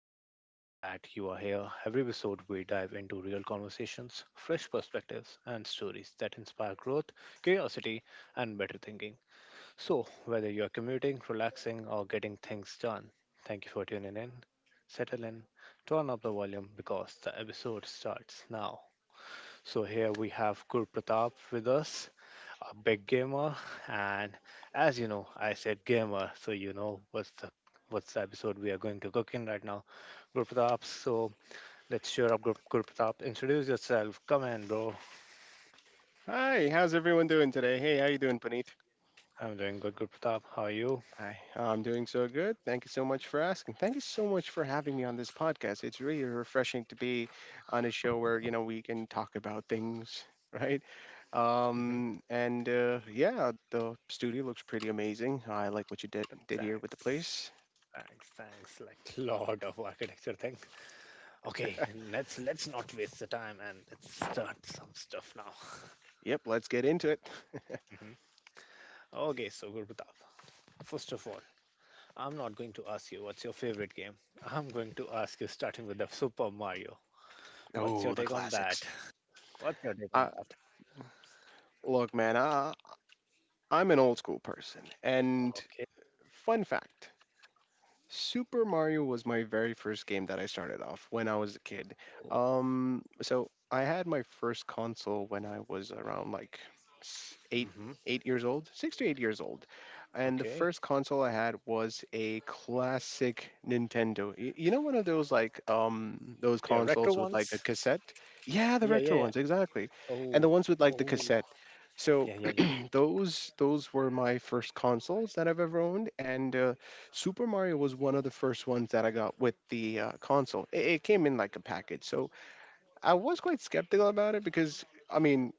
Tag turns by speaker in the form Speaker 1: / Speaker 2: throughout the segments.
Speaker 1: and I'm glad you are here. Every episode we dive into real conversations, fresh perspectives, and stories that inspire growth, curiosity and better thinking. So, whether you're commuting, relaxing or getting things done, thank you for tuning in. Settle in, turn up the volume because the episode starts now. So here we have Gur Pratap with us, a big gamer, and as you know, I said gamer, so you know what's the episode we are going to cook in right now, Gur Pratap. So let's cheer up Gur, Pratap. Introduce yourself. Come in, bro.
Speaker 2: Hi, how's everyone doing today? Hey, how you doing, Puneet?
Speaker 1: I'm doing good, Gur Pratap. How are you?
Speaker 2: Hi, I'm doing so good. Thank you so much for asking. Thank you so much for having me on this podcast. It's really refreshing to be on a show where, we can talk about things, right?
Speaker 1: Hmm.
Speaker 2: And yeah, the studio looks pretty amazing. I like what you did here with
Speaker 1: Thanks.
Speaker 2: the place.
Speaker 1: Thanks, thanks. Like lot of architecture thing. Okay, let's not waste the time, and let's start some stuff now.
Speaker 2: Yep, let's get into it.
Speaker 1: hmm. Okay, so Gurpratap, first of all, I'm not going to ask you what's your favorite game. I'm going to ask you, starting with the Super Mario. What's your
Speaker 2: Oh, the
Speaker 1: take on that?
Speaker 2: classics.
Speaker 1: What's your take on
Speaker 2: Uh,
Speaker 1: that?
Speaker 2: look, man, I'm an old school person. And
Speaker 1: Okay.
Speaker 2: fun fact, Super Mario was my very first game that I started off when I was a kid.
Speaker 1: Oh.
Speaker 2: So I had my first console when I was around like s- eight,
Speaker 1: Mm-hmm.
Speaker 2: 8 years old, 6 to 8 years old, and the
Speaker 1: Okay.
Speaker 2: first console I had was a classic Nintendo. You know, one of those like those
Speaker 1: Yeah, retro
Speaker 2: consoles with like a
Speaker 1: ones.
Speaker 2: cassette. Yeah, the
Speaker 1: Yeah, yeah,
Speaker 2: retro
Speaker 1: yeah.
Speaker 2: ones exactly, and
Speaker 1: Oh,
Speaker 2: the ones with like the
Speaker 1: oh.
Speaker 2: cassette. So
Speaker 1: Yeah, yeah, yeah.
Speaker 2: those were my first consoles that I've ever owned, and Super Mario was one of the first ones that I got with the console. It came in like a package, so I was quite skeptical about it because I mean,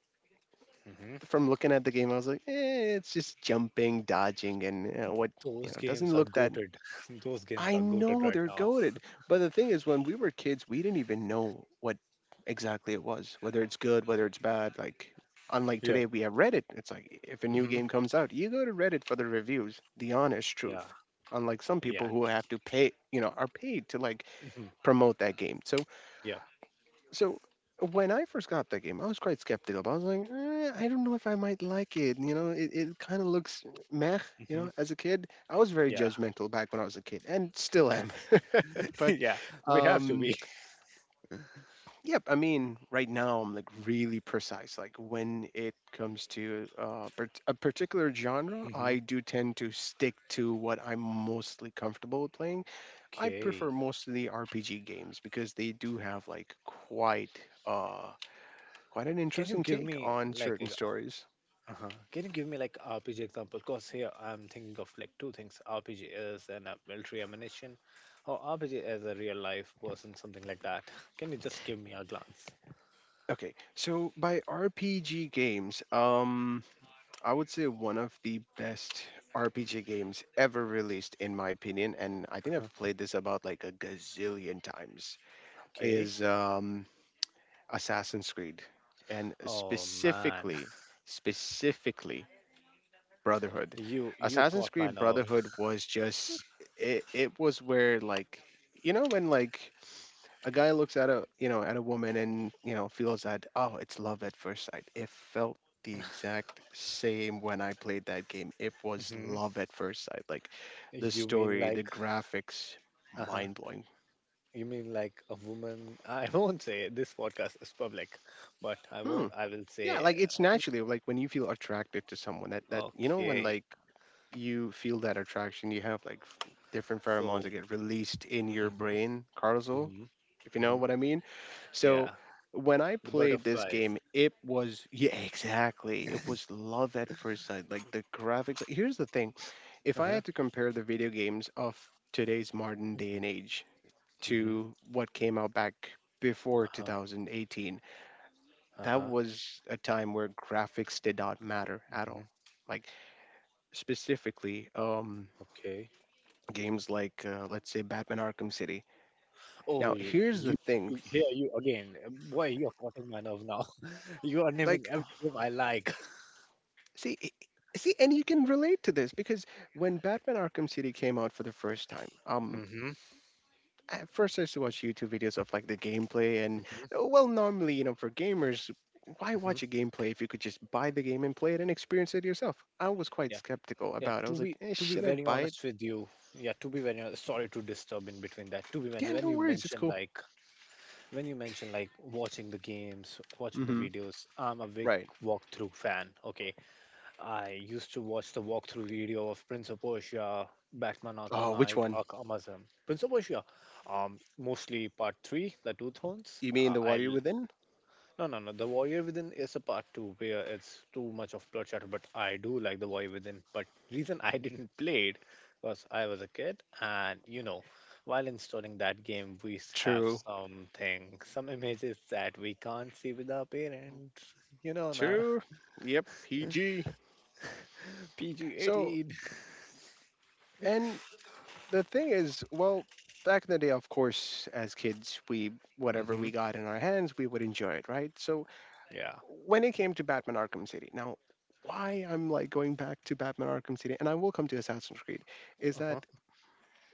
Speaker 1: Mm-hmm.
Speaker 2: from looking at the game, I was like, eh, it's just jumping, dodging, and what
Speaker 1: Those games
Speaker 2: doesn't
Speaker 1: are
Speaker 2: look that.
Speaker 1: goated. Those games are
Speaker 2: I
Speaker 1: goated
Speaker 2: know
Speaker 1: right
Speaker 2: they're
Speaker 1: now.
Speaker 2: goaded. But the thing is, when we were kids, we didn't even know what exactly it was, whether it's good, whether it's bad. Like, unlike
Speaker 1: Yeah.
Speaker 2: today, we have Reddit. It's like if a new
Speaker 1: Mm-hmm.
Speaker 2: game comes out, you go to Reddit for the reviews, the honest
Speaker 1: Yeah.
Speaker 2: truth. Unlike some
Speaker 1: Yeah.
Speaker 2: people who have to pay, are paid to like
Speaker 1: Mm-hmm.
Speaker 2: promote that game. So
Speaker 1: Yeah.
Speaker 2: so when I first got that game, I was quite skeptical. But I was like, eh, I don't know if I might like it. It kind of looks meh. You
Speaker 1: Mm-hmm.
Speaker 2: know, as a kid, I was very
Speaker 1: Yeah.
Speaker 2: judgmental back when I was a kid, and still am. but
Speaker 1: yeah. We have to
Speaker 2: um,
Speaker 1: be.
Speaker 2: yep. I mean, right now I'm like really precise. Like when it comes to a particular genre,
Speaker 1: Mm-hmm.
Speaker 2: I do tend to stick to what I'm mostly comfortable with playing. I
Speaker 1: Okay.
Speaker 2: prefer most of the RPG games because they do have like uh quite an
Speaker 1: Can you
Speaker 2: interesting
Speaker 1: give
Speaker 2: take
Speaker 1: me
Speaker 2: on
Speaker 1: like—
Speaker 2: certain stories.
Speaker 1: uh-huh— can you give me like RPG example? Because here I'm thinking of like two things. RPG is an military ammunition, or RPG is a real life person, something like that. Can you just give me a glance?
Speaker 2: Okay, so by RPG games, I would say one of the best RPG games ever released, in my opinion, and I think
Speaker 1: Uh-huh.
Speaker 2: I've played this about like a gazillion times,
Speaker 1: Okay.
Speaker 2: is Assassin's Creed, and
Speaker 1: Oh man,
Speaker 2: specifically Brotherhood.
Speaker 1: you caught
Speaker 2: Assassin's
Speaker 1: my
Speaker 2: Creed
Speaker 1: nerve.
Speaker 2: Brotherhood was just it. It was where like, when like a guy looks at a you know at a woman and feels that, oh, it's love at first sight. It felt the exact same when I played that game. It was
Speaker 1: Hmm.
Speaker 2: love at first sight. Like the
Speaker 1: You mean
Speaker 2: story, the
Speaker 1: like—
Speaker 2: graphics,
Speaker 1: uh-huh—
Speaker 2: mind blowing.
Speaker 1: you mean like a woman? I won't say it. This podcast is public, but I
Speaker 2: Hmm.
Speaker 1: won't. I will
Speaker 2: Yeah,
Speaker 1: say
Speaker 2: like it's naturally like when you feel attracted to someone, that that when
Speaker 1: okay.
Speaker 2: like you feel that attraction, you have like different
Speaker 1: So.
Speaker 2: pheromones that get released in your
Speaker 1: Hmm,
Speaker 2: brain, cortisol,
Speaker 1: hmm,
Speaker 2: if you know
Speaker 1: hmm.
Speaker 2: what I mean. So
Speaker 1: Yeah,
Speaker 2: when I
Speaker 1: the
Speaker 2: played this
Speaker 1: butterflies.
Speaker 2: game, it was, yeah, exactly. It was love at first sight. Like the graphics. Here's the thing. If I had to compare the video games of today's modern day
Speaker 1: Mm-hmm.
Speaker 2: and age
Speaker 1: Mm-hmm.
Speaker 2: to what came out back before
Speaker 1: Uh-huh.
Speaker 2: 2018, that
Speaker 1: Uh-huh.
Speaker 2: was a time where graphics did not matter at
Speaker 1: Mm-hmm.
Speaker 2: all. Like specifically,
Speaker 1: Okay.
Speaker 2: games like, let's say, Batman Arkham City.
Speaker 1: Oh,
Speaker 2: Now,
Speaker 1: y-
Speaker 2: here's
Speaker 1: you,
Speaker 2: the thing.
Speaker 1: you, here you again. Boy, you are cutting my nerve now. you are naming
Speaker 2: Like
Speaker 1: every name I like.
Speaker 2: See, i- see, and you can relate to this because when Batman Arkham City came out for the first time,
Speaker 1: Mm-hmm.
Speaker 2: at first I used to watch YouTube videos of like the gameplay, and
Speaker 1: Mm-hmm.
Speaker 2: well, normally, for gamers, why
Speaker 1: Mm-hmm.
Speaker 2: watch a gameplay if you could just buy the game and play it and experience it yourself? I was quite
Speaker 1: Yeah.
Speaker 2: skeptical
Speaker 1: Yeah.
Speaker 2: about it. I
Speaker 1: To
Speaker 2: was
Speaker 1: be,
Speaker 2: like, eh,
Speaker 1: to be
Speaker 2: should I
Speaker 1: very
Speaker 2: buy it?
Speaker 1: honest with you. Yeah. To be very honest, sorry to disturb in between that. To be when,
Speaker 2: Yeah,
Speaker 1: when
Speaker 2: no
Speaker 1: you
Speaker 2: worries, it's
Speaker 1: mention
Speaker 2: cool.
Speaker 1: like, when you mention like watching the games, watching the
Speaker 2: Mm-hmm.
Speaker 1: videos, I'm a big
Speaker 2: Right.
Speaker 1: walkthrough fan. Okay. I used to watch the walkthrough video of Prince of Persia, Batman Arkham
Speaker 2: Oh, which
Speaker 1: Knight,
Speaker 2: one?
Speaker 1: Arkham Asylum. Prince of Persia, mostly part three, the Two Thrones.
Speaker 2: You mean the Water
Speaker 1: I'll
Speaker 2: Within?
Speaker 1: No, no, no. The Warrior Within is a part two where it's too much of bloodshed, but I do like the Warrior Within. But reason I didn't play it was I was a kid, and you know, while installing that game, we have
Speaker 2: True.
Speaker 1: something, some images that we can't see with our parents. You know, na.
Speaker 2: True. Yep. PG.
Speaker 1: PG
Speaker 2: So,
Speaker 1: eighteen.
Speaker 2: and the thing is, well, back in the day, of course, as kids, we whatever we got in our hands, we would enjoy it, right? So
Speaker 1: Yeah.
Speaker 2: when it came to Batman Arkham City, now why I'm like going back to Batman Arkham City, and I will come to Assassin's Creed, is
Speaker 1: Uh-huh.
Speaker 2: that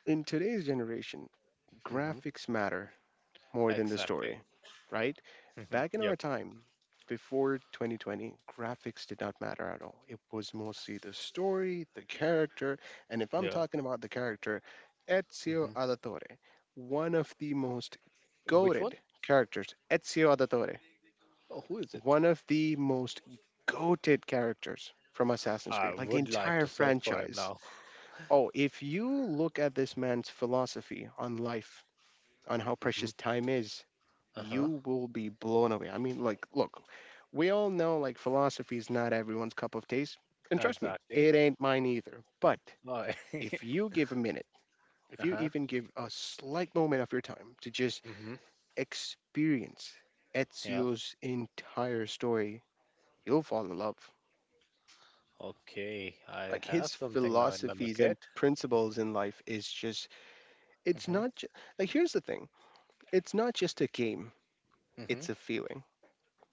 Speaker 2: in today's generation,
Speaker 1: Hmm.
Speaker 2: graphics matter more than the
Speaker 1: Exactly.
Speaker 2: story, right?
Speaker 1: Hmm.
Speaker 2: Back in
Speaker 1: Yep.
Speaker 2: our time, before 2020, graphics did not matter at all. It was mostly the story, the character. And if I'm
Speaker 1: Yeah.
Speaker 2: talking about the character, Ezio
Speaker 1: Hmm.
Speaker 2: Auditore, one of the most
Speaker 1: Which one?
Speaker 2: goated characters, Ezio Auditore,
Speaker 1: Oh, who is it?
Speaker 2: one of the most goated characters from Assassin's
Speaker 1: I
Speaker 2: Creed, like the
Speaker 1: would like
Speaker 2: entire
Speaker 1: to search for him
Speaker 2: franchise.
Speaker 1: now.
Speaker 2: Oh, if you look at this man's philosophy on life, on how
Speaker 1: hmm.
Speaker 2: precious time is,
Speaker 1: Uh-huh.
Speaker 2: you will be blown away. I mean, like, look, we all know like philosophy is not everyone's cup of taste, and trust me,
Speaker 1: Exactly.
Speaker 2: it ain't mine either. But
Speaker 1: Oh,
Speaker 2: if you give a minute, if you
Speaker 1: uh-huh.
Speaker 2: even give a slight moment of your time to just
Speaker 1: Hmm.
Speaker 2: experience
Speaker 1: Yeah.
Speaker 2: Ezio's entire story, you'll fall in love.
Speaker 1: Okay. I
Speaker 2: Like
Speaker 1: have
Speaker 2: his
Speaker 1: something now in my
Speaker 2: philosophies and
Speaker 1: bucket.
Speaker 2: principles in life is just, it's
Speaker 1: Hmm,
Speaker 2: not, like, here's the thing, it's not just a game,
Speaker 1: hmm.
Speaker 2: it's a feeling.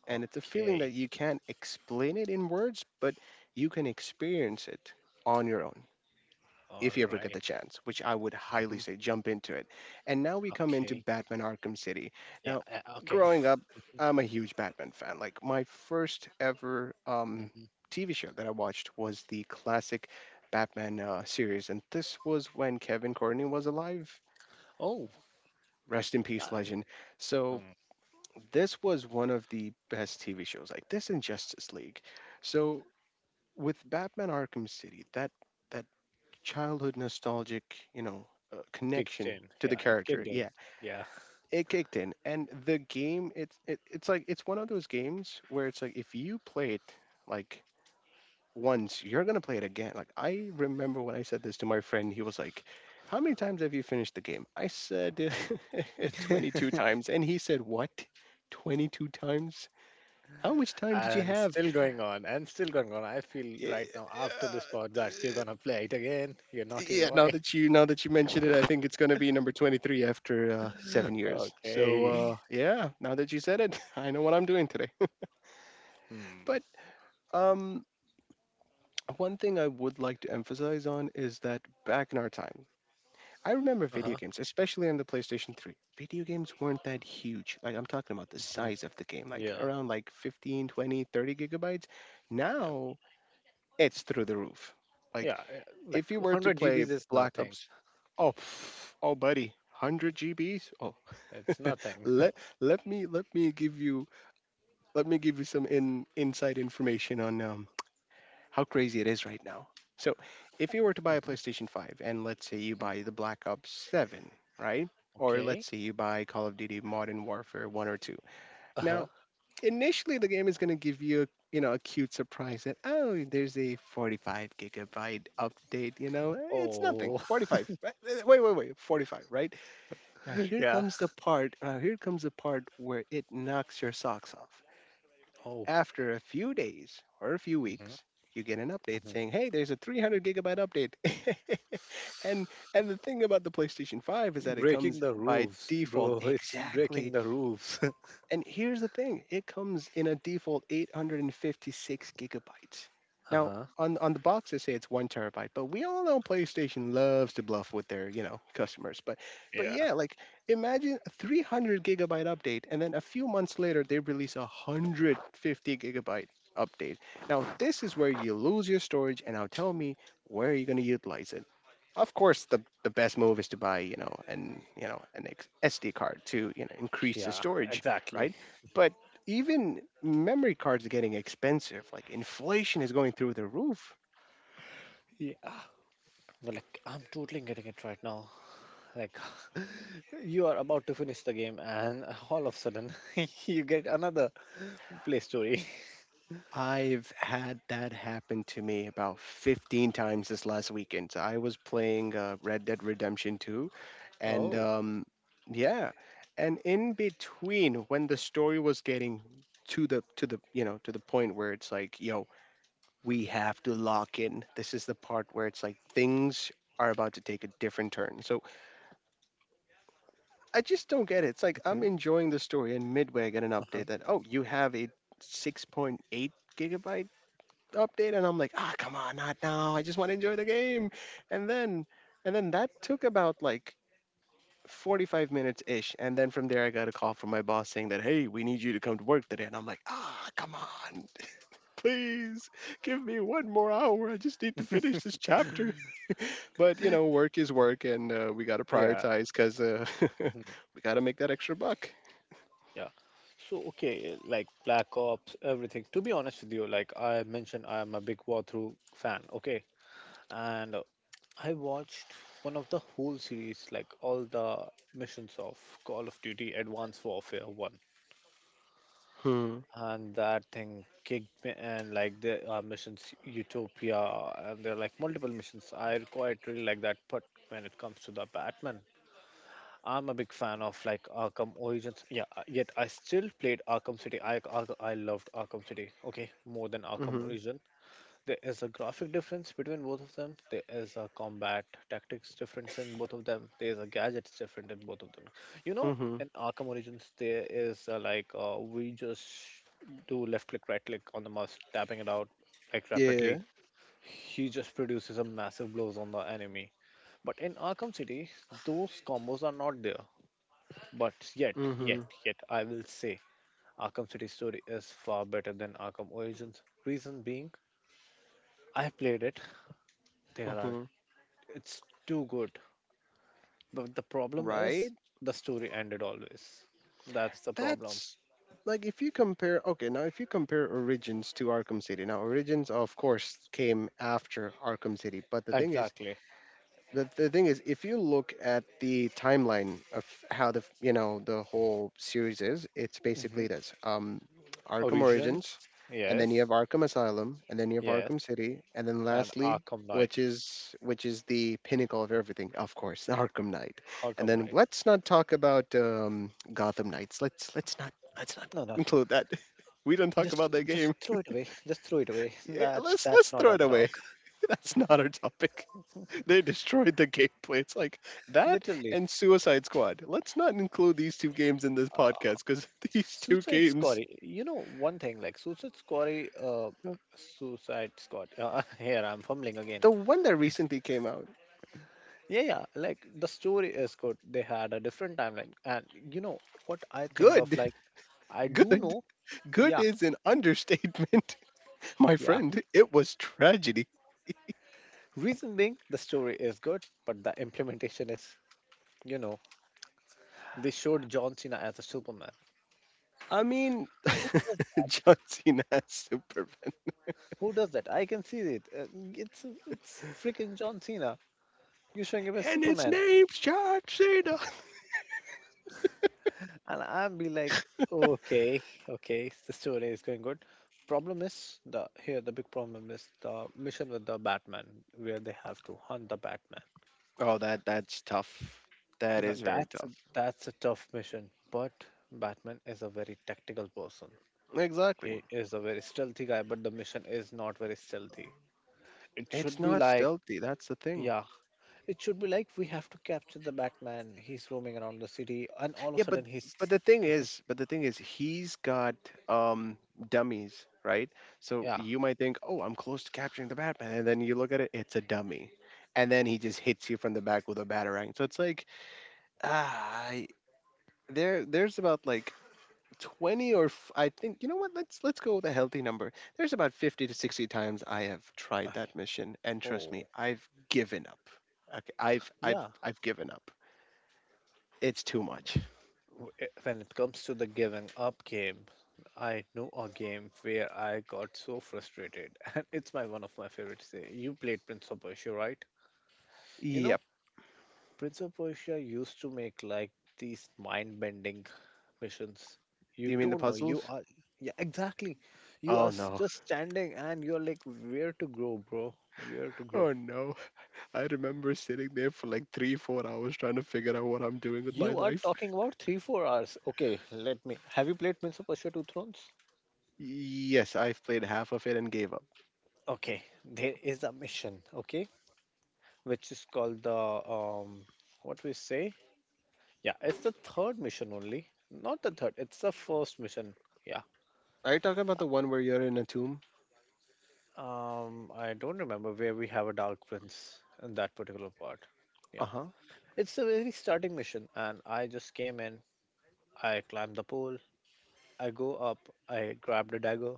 Speaker 2: And it's a feeling
Speaker 1: Okay.
Speaker 2: that you can't explain it in words, but you can experience it on your own
Speaker 1: All
Speaker 2: if you ever get the
Speaker 1: right.
Speaker 2: chance, which I would
Speaker 1: Mm-hmm.
Speaker 2: highly say jump into it. And now we come into
Speaker 1: Okay.
Speaker 2: Batman Arkham City.
Speaker 1: Yeah.
Speaker 2: Now,
Speaker 1: Okay.
Speaker 2: growing up, I'm a huge Batman fan. Like, my first ever
Speaker 1: hmm.
Speaker 2: TV show that I watched was the classic Batman series. And this was when Kevin Courtney was alive.
Speaker 1: Oh.
Speaker 2: Rest in peace,
Speaker 1: Uh,
Speaker 2: legend. So,
Speaker 1: um,
Speaker 2: this was one of the best TV shows, like this and Justice League. So with Batman Arkham City, that that childhood nostalgic, you know,
Speaker 1: kicks
Speaker 2: connection
Speaker 1: in.
Speaker 2: to the
Speaker 1: Yeah. It
Speaker 2: character,
Speaker 1: kicked in.
Speaker 2: yeah,
Speaker 1: Yeah.
Speaker 2: it kicked in. And the game, it's like it's one of those games where it's like if you play it like once, you're gonna play it again. Like I remember when I said this to my friend, he was like, "How many times have you finished the game?" I said 22 times, and he said, "What? 22 times? How much time did you
Speaker 1: And
Speaker 2: have?"
Speaker 1: still going on, and still going on. I feel right
Speaker 2: Eh,
Speaker 1: now after this
Speaker 2: uh,
Speaker 1: podcast, you're gonna play it again. You're naughty
Speaker 2: Yeah,
Speaker 1: boy.
Speaker 2: now that you mention it, I think it's gonna be number 23 after seven years. So
Speaker 1: Okay.
Speaker 2: yeah, now that you said it, I know what I'm doing today.
Speaker 1: Hmm.
Speaker 2: But um, one thing I would like to emphasize on is that back in our time, I remember video
Speaker 1: Uh-huh.
Speaker 2: games, especially on the PlayStation 3. Video games weren't that huge. Like I'm talking about the
Speaker 1: Mhm.
Speaker 2: size of the game, like
Speaker 1: Yeah.
Speaker 2: around like 15, 20, 30 gigabytes.
Speaker 1: Yep.
Speaker 2: Now it's through the roof. Like
Speaker 1: Yeah. Yeah. Like,
Speaker 2: if you were to
Speaker 1: 100
Speaker 2: play
Speaker 1: GBs is
Speaker 2: Black
Speaker 1: nothing.
Speaker 2: Ops, oh, pff, oh, buddy, 100 GBs. Oh,
Speaker 1: It's nothing.
Speaker 2: let let me let me give you let me give you some in inside information on how crazy it is right now. So, if you were to buy a
Speaker 1: Mhm.
Speaker 2: PlayStation 5, and let's say you
Speaker 1: Mm.
Speaker 2: buy the Black Ops 7, right? Or
Speaker 1: Okay.
Speaker 2: let's say you buy Call of Duty Modern Warfare 1 or 2.
Speaker 1: Uh-huh.
Speaker 2: Now, initially the game is going to give you, you know a cute surprise that, oh, there's a 45 gigabyte update. Eh, it's nothing,
Speaker 1: Oh.
Speaker 2: 45, right? Eh, wait wait wait, 45, right? Now here
Speaker 1: Yeah.
Speaker 2: comes the part, where it knocks your socks off.
Speaker 1: Oh.
Speaker 2: After a few days or a few
Speaker 1: Mhm,
Speaker 2: weeks you get an update
Speaker 1: mhm.
Speaker 2: saying, hey, there's a 300 gigabyte update. and and the thing about the PlayStation 5 is that it
Speaker 1: Breaking
Speaker 2: comes
Speaker 1: the
Speaker 2: by
Speaker 1: roofs,
Speaker 2: default,
Speaker 1: bro. It's breaking
Speaker 2: exactly.
Speaker 1: the roofs.
Speaker 2: And here's the thing, it comes in a default 856 gigabytes. Now,
Speaker 1: Uh-huh.
Speaker 2: on the box they say it's one terabyte, but we all know PlayStation loves to bluff with their, customers. But
Speaker 1: Yeah.
Speaker 2: yeah, like imagine a 300 gigabyte update, and then a few months later they release a 150 gigabyte update. Now this is where you lose your storage, and now tell me, where are you going to utilize it? Of course the best move is to buy, an, SD card to, increase the
Speaker 1: Yeah,
Speaker 2: storage,
Speaker 1: exactly.
Speaker 2: right? But even memory cards are getting expensive. Like inflation is going through the roof.
Speaker 1: Yeah. Well, like, I'm totally getting it right now. Like, you are about to finish the game, and all of a sudden you get another play story.
Speaker 2: I've had that happen to me about 15 times this last weekend. So I was playing Red Dead Redemption 2, and
Speaker 1: oh.
Speaker 2: yeah, and in between when the story was getting to the point where it's like, yo, we have to lock in. This is the part where it's like things are about to take a different turn. So I just don't get it. It's like I'm
Speaker 1: Mhm.
Speaker 2: enjoying the story, and midway I get an
Speaker 1: Uh-huh.
Speaker 2: update that oh, you have a 6.8 gigabyte update, and I'm like, ah, come on, not now. I just want to enjoy the game. And then, and then that took about like 45 minutes ish, and then from there I got a call from my boss saying that hey, we need you to come to work today, and I'm like, ah, come on, please give me 1 more hour. I just need to finish this chapter. But work is work, and we got to
Speaker 1: Yeah.
Speaker 2: prioritize because
Speaker 1: Mhm.
Speaker 2: we got to make that extra buck.
Speaker 1: Yeah. So, okay, like Black Ops, everything, to be honest with you, like I mentioned, I'm a big walkthrough fan, okay, and I watched one of the whole series, like all the missions of Call of Duty Advanced Warfare 1,
Speaker 2: Mhm.
Speaker 1: and that thing kicked me, and like the missions Utopia, and there are like multiple missions I quite really like that. But when it comes to the Batman, I'm a big fan of like Arkham Origins, yeah, yet I still played Arkham City. I loved Arkham City, okay, more than Arkham
Speaker 2: Mhm.
Speaker 1: Origin. There is a graphic difference between both of them. There is a combat tactics difference in both of them. There is a gadgets different in both of them. You know,
Speaker 2: Mhm.
Speaker 1: in Arkham Origins, there is like we just do left click, right click on the mouse, tapping it out like
Speaker 2: Yeah.
Speaker 1: rapidly. He just produces a massive blows on the enemy. But in Arkham City, those combos are not there. But yet, yet,
Speaker 2: Mhm.
Speaker 1: yet, I will say Arkham City story is far better than Arkham Origins. Reason being, I have played it. There are
Speaker 2: Mhm.
Speaker 1: It's too good. But the problem
Speaker 2: Right.
Speaker 1: is the story ended always. That's the problem.
Speaker 2: That's like if you compare. Okay, now if you compare Origins to Arkham City. Now Origins, of course, came after Arkham City, but the thing is,
Speaker 1: Exactly.
Speaker 2: the thing is if you look at the timeline of how the the whole series is, it's
Speaker 1: Hmm.
Speaker 2: basically this Arkham
Speaker 1: Origins,
Speaker 2: Origins, and then you have
Speaker 1: yes,
Speaker 2: Arkham Asylum, and then you have
Speaker 1: yes,
Speaker 2: Arkham City, and then
Speaker 1: and
Speaker 2: lastly,
Speaker 1: Arkham
Speaker 2: which
Speaker 1: Knight.
Speaker 2: is which is the pinnacle of everything, of course, Arkham Knight. And
Speaker 1: Arkham
Speaker 2: then
Speaker 1: Knight.
Speaker 2: let's not talk about Gotham Knights. Let's not
Speaker 1: No, no, no.
Speaker 2: include that. We don't talk
Speaker 1: Just,
Speaker 2: about that
Speaker 1: just
Speaker 2: game.
Speaker 1: throw it away. Just throw it away.
Speaker 2: Yeah,
Speaker 1: That's
Speaker 2: let's
Speaker 1: not
Speaker 2: throw
Speaker 1: on
Speaker 2: it away.
Speaker 1: dog.
Speaker 2: That's not our topic. They destroyed the gameplay. It's like that.
Speaker 1: Literally.
Speaker 2: And Suicide Squad, let's not include these 2 games in this
Speaker 1: Uh,
Speaker 2: podcast because these two
Speaker 1: Suicide Squad.
Speaker 2: games,
Speaker 1: You know one thing, like Suicide Squad. Uh, Suicide Squad. Here I'm fumbling again.
Speaker 2: the one that recently came out,
Speaker 1: Yeah, yeah. Like the story is good. They had a different timeline. And you know what I think of?
Speaker 2: good,
Speaker 1: Like, I do
Speaker 2: good,
Speaker 1: know.
Speaker 2: good
Speaker 1: Yeah,
Speaker 2: is an understatement, my
Speaker 1: yeah.
Speaker 2: friend. It was tragedy.
Speaker 1: Reason being, the story is good, but the implementation is, you know, they showed John Cena as a Superman.
Speaker 2: I mean,
Speaker 1: Who does that?
Speaker 2: John Cena as Superman,
Speaker 1: Who does that? I can see it. It's freaking John Cena. You're showing him as
Speaker 2: and its
Speaker 1: Superman.
Speaker 2: name's John Cena.
Speaker 1: And I'll be like, okay, okay, the story is going good. Problem is the here the big problem is the mission with the Batman, where they have to hunt the Batman.
Speaker 2: Oh, that's tough. That
Speaker 1: No,
Speaker 2: is very tough.
Speaker 1: that's a tough mission, but Batman is a very tactical person.
Speaker 2: Exactly.
Speaker 1: He is a very stealthy guy, but the mission is not very stealthy. It
Speaker 2: It's
Speaker 1: should be
Speaker 2: not
Speaker 1: like,
Speaker 2: stealthy. That's the thing.
Speaker 1: yeah, it should be like we have to capture the Batman. He's roaming around the city, and all of
Speaker 2: Yeah,
Speaker 1: a
Speaker 2: but
Speaker 1: sudden he's—
Speaker 2: but the thing
Speaker 1: Mhm.
Speaker 2: is, but the thing is, he's got um dummies, right? So
Speaker 1: Yeah.
Speaker 2: you might think, oh, I'm close to capturing the Batman, and then you look at it, it's a dummy, and then he just hits you from the back with a batarang. So it's like, ah, I- there's about like 20 or I think you know what? Let's go with a healthy number. There's about 50 to 60 times I have tried that mission, and trust me,
Speaker 1: oh,
Speaker 2: I've given up. Okay, I've I've
Speaker 1: yeah.
Speaker 2: I've given up. It's too much.
Speaker 1: When it comes to the giving up game, I know a game where I got so frustrated, and it's my one of my favorites. You played Prince of Persia, right? You know,
Speaker 2: Yep.
Speaker 1: Prince of Persia used to make like these mind-bending missions. You
Speaker 2: You mean the
Speaker 1: don't know. You
Speaker 2: puzzles?
Speaker 1: are— yeah, exactly. You are
Speaker 2: Oh no.
Speaker 1: just standing, and you're like, where to grow, bro? Where to grow?
Speaker 2: Oh no. I remember sitting there for like three, four hours trying to figure out what I'm doing with my
Speaker 1: You are
Speaker 2: life.
Speaker 1: talking about 3, 4 hours. Okay, let me. Have you played Prince of Persia Two Thrones?
Speaker 2: Yes, I've played half of it and gave up.
Speaker 1: Okay, there is a mission. Okay, which is called the um, what we say? Yeah, it's the third mission only, not the third. It's the first mission. Yeah.
Speaker 2: Are you talking about the one where you're in a tomb?
Speaker 1: I don't remember where we have a Dark Prince in that particular part.
Speaker 2: Uh
Speaker 1: Yeah,
Speaker 2: huh.
Speaker 1: it's the very starting mission, and I just came in. I climbed the pole. I go up. I grabbed a dagger,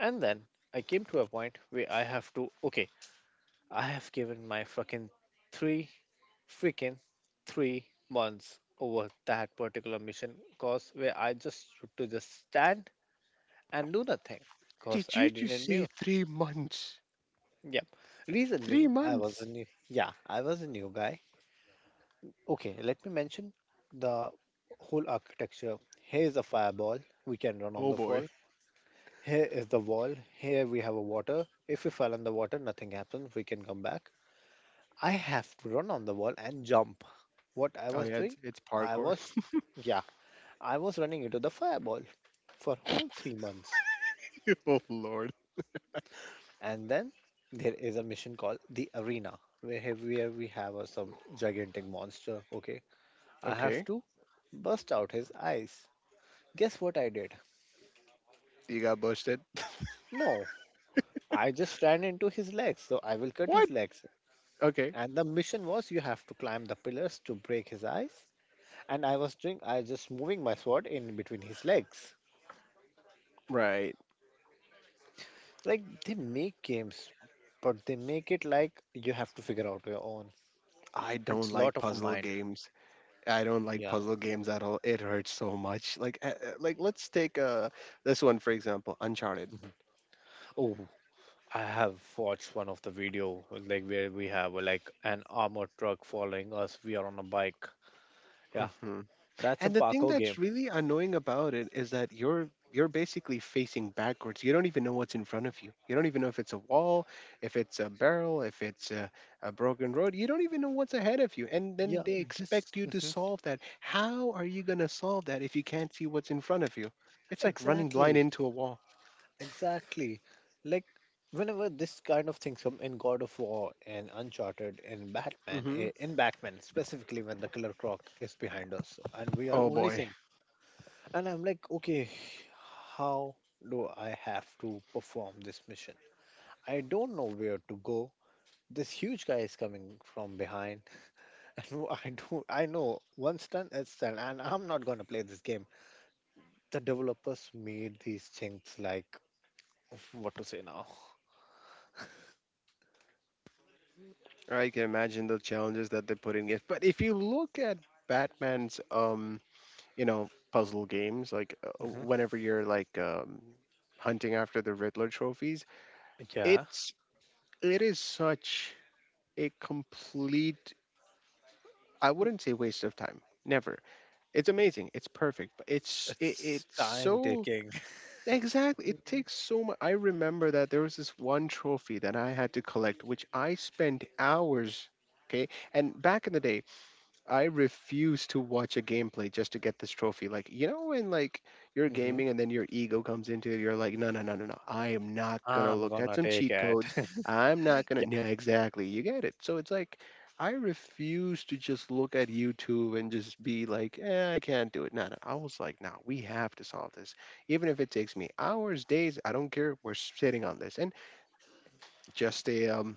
Speaker 1: and then I came to a point where I have to. Okay, I have given my fucking three freaking 3 months over that particular mission cause where I just used to just stand and do nothing cause
Speaker 2: Did
Speaker 1: I
Speaker 2: you just
Speaker 1: didn't
Speaker 2: say
Speaker 1: knew.
Speaker 2: 3 months?
Speaker 1: Yep. Reason
Speaker 2: Three
Speaker 1: being I was a
Speaker 2: months?
Speaker 1: new yeah, I was a new guy. Okay, let me mention the whole architecture. Here is a fireball we can run on
Speaker 2: Oh
Speaker 1: the
Speaker 2: boy.
Speaker 1: wall. Here is the wall. Here we have a water. If we fall in the water, nothing happens. We can come back. I have to run on the wall and jump. What I
Speaker 2: Oh
Speaker 1: was
Speaker 2: yeah,
Speaker 1: doing,
Speaker 2: it's
Speaker 1: I
Speaker 2: parkour.
Speaker 1: was, yeah, I was running into the fireball for whole 3 months.
Speaker 2: Oh lord.
Speaker 1: And then there is a mission called the arena, where we have some gigantic monster. Okay, I have
Speaker 2: Okay.
Speaker 1: to bust out his eyes. Guess what I did?
Speaker 2: You got busted.
Speaker 1: No, I just ran into his legs, so I will cut his
Speaker 2: What?
Speaker 1: legs.
Speaker 2: Okay.
Speaker 1: And the mission was you have to climb the pillars to break his eyes. And I was doing, I just moving my sword in between his legs.
Speaker 2: Right.
Speaker 1: Like they make games, but they make it like you have to figure out your own.
Speaker 2: I don't
Speaker 1: It's
Speaker 2: like
Speaker 1: lot of a
Speaker 2: puzzle
Speaker 1: mind.
Speaker 2: games. I don't like
Speaker 1: Yeah.
Speaker 2: puzzle games at all. It hurts so much. Like let's take this one for example, Uncharted.
Speaker 1: Mhm. Oh, I have watched one of the video like where we have like an armored truck following us. We are on a bike. Yeah,
Speaker 2: Hmm.
Speaker 1: that's a
Speaker 2: And the thing
Speaker 1: parkour
Speaker 2: that's
Speaker 1: game.
Speaker 2: really annoying about it is that you're basically facing backwards. You don't even know what's in front of you. You don't even know if it's a wall, if it's a barrel, if it's a broken road. You don't even know what's ahead of you. And then
Speaker 1: Yeah,
Speaker 2: they
Speaker 1: this.
Speaker 2: expect you to
Speaker 1: Mhm.
Speaker 2: solve that. How are you going to solve that if you can't see what's in front of you? It's like running blind
Speaker 1: Exactly,
Speaker 2: into a wall.
Speaker 1: exactly. Like whenever this kind of things come in God of War and Uncharted and Batman,
Speaker 2: Hmm.
Speaker 1: in Batman specifically when the Killer Croc is behind us and we are
Speaker 2: Oh
Speaker 1: only
Speaker 2: boy,
Speaker 1: seeing, and I'm like, okay, how do I have to perform this mission? I don't know where to go. This huge guy is coming from behind. And I know one stun is done, and I'm not gonna play this game. The developers made these things, like, what to say now.
Speaker 2: I can imagine the challenges that they put in. If- But if you look at Batman's you know puzzle games like
Speaker 1: Hmm.
Speaker 2: whenever you're like hunting after the Riddler trophies.
Speaker 1: Yeah,
Speaker 2: It's it is such a complete, I wouldn't say waste of time. Never. It's amazing. It's perfect. But
Speaker 1: it's
Speaker 2: it's
Speaker 1: time
Speaker 2: so
Speaker 1: taking.
Speaker 2: exactly it takes so much. I remember that there was this one trophy that I had to collect which I spent hours, okay, and back in the day I refuse to watch a gameplay just to get this trophy. Like, you know, when like you're
Speaker 1: Hmm.
Speaker 2: gaming and then your ego comes into it, you're like, no. I am not gonna
Speaker 1: I'm
Speaker 2: look at
Speaker 1: gonna
Speaker 2: some
Speaker 1: take
Speaker 2: cheat
Speaker 1: it.
Speaker 2: codes. I'm not gonna.
Speaker 1: Yeah.
Speaker 2: Yeah, exactly. You get it. So it's like, I refuse to just look at YouTube and just be like, eh, I can't do it. No, no. I was like, no, we have to solve this, even if it takes me hours, days. I don't care. We're sitting on this, and just a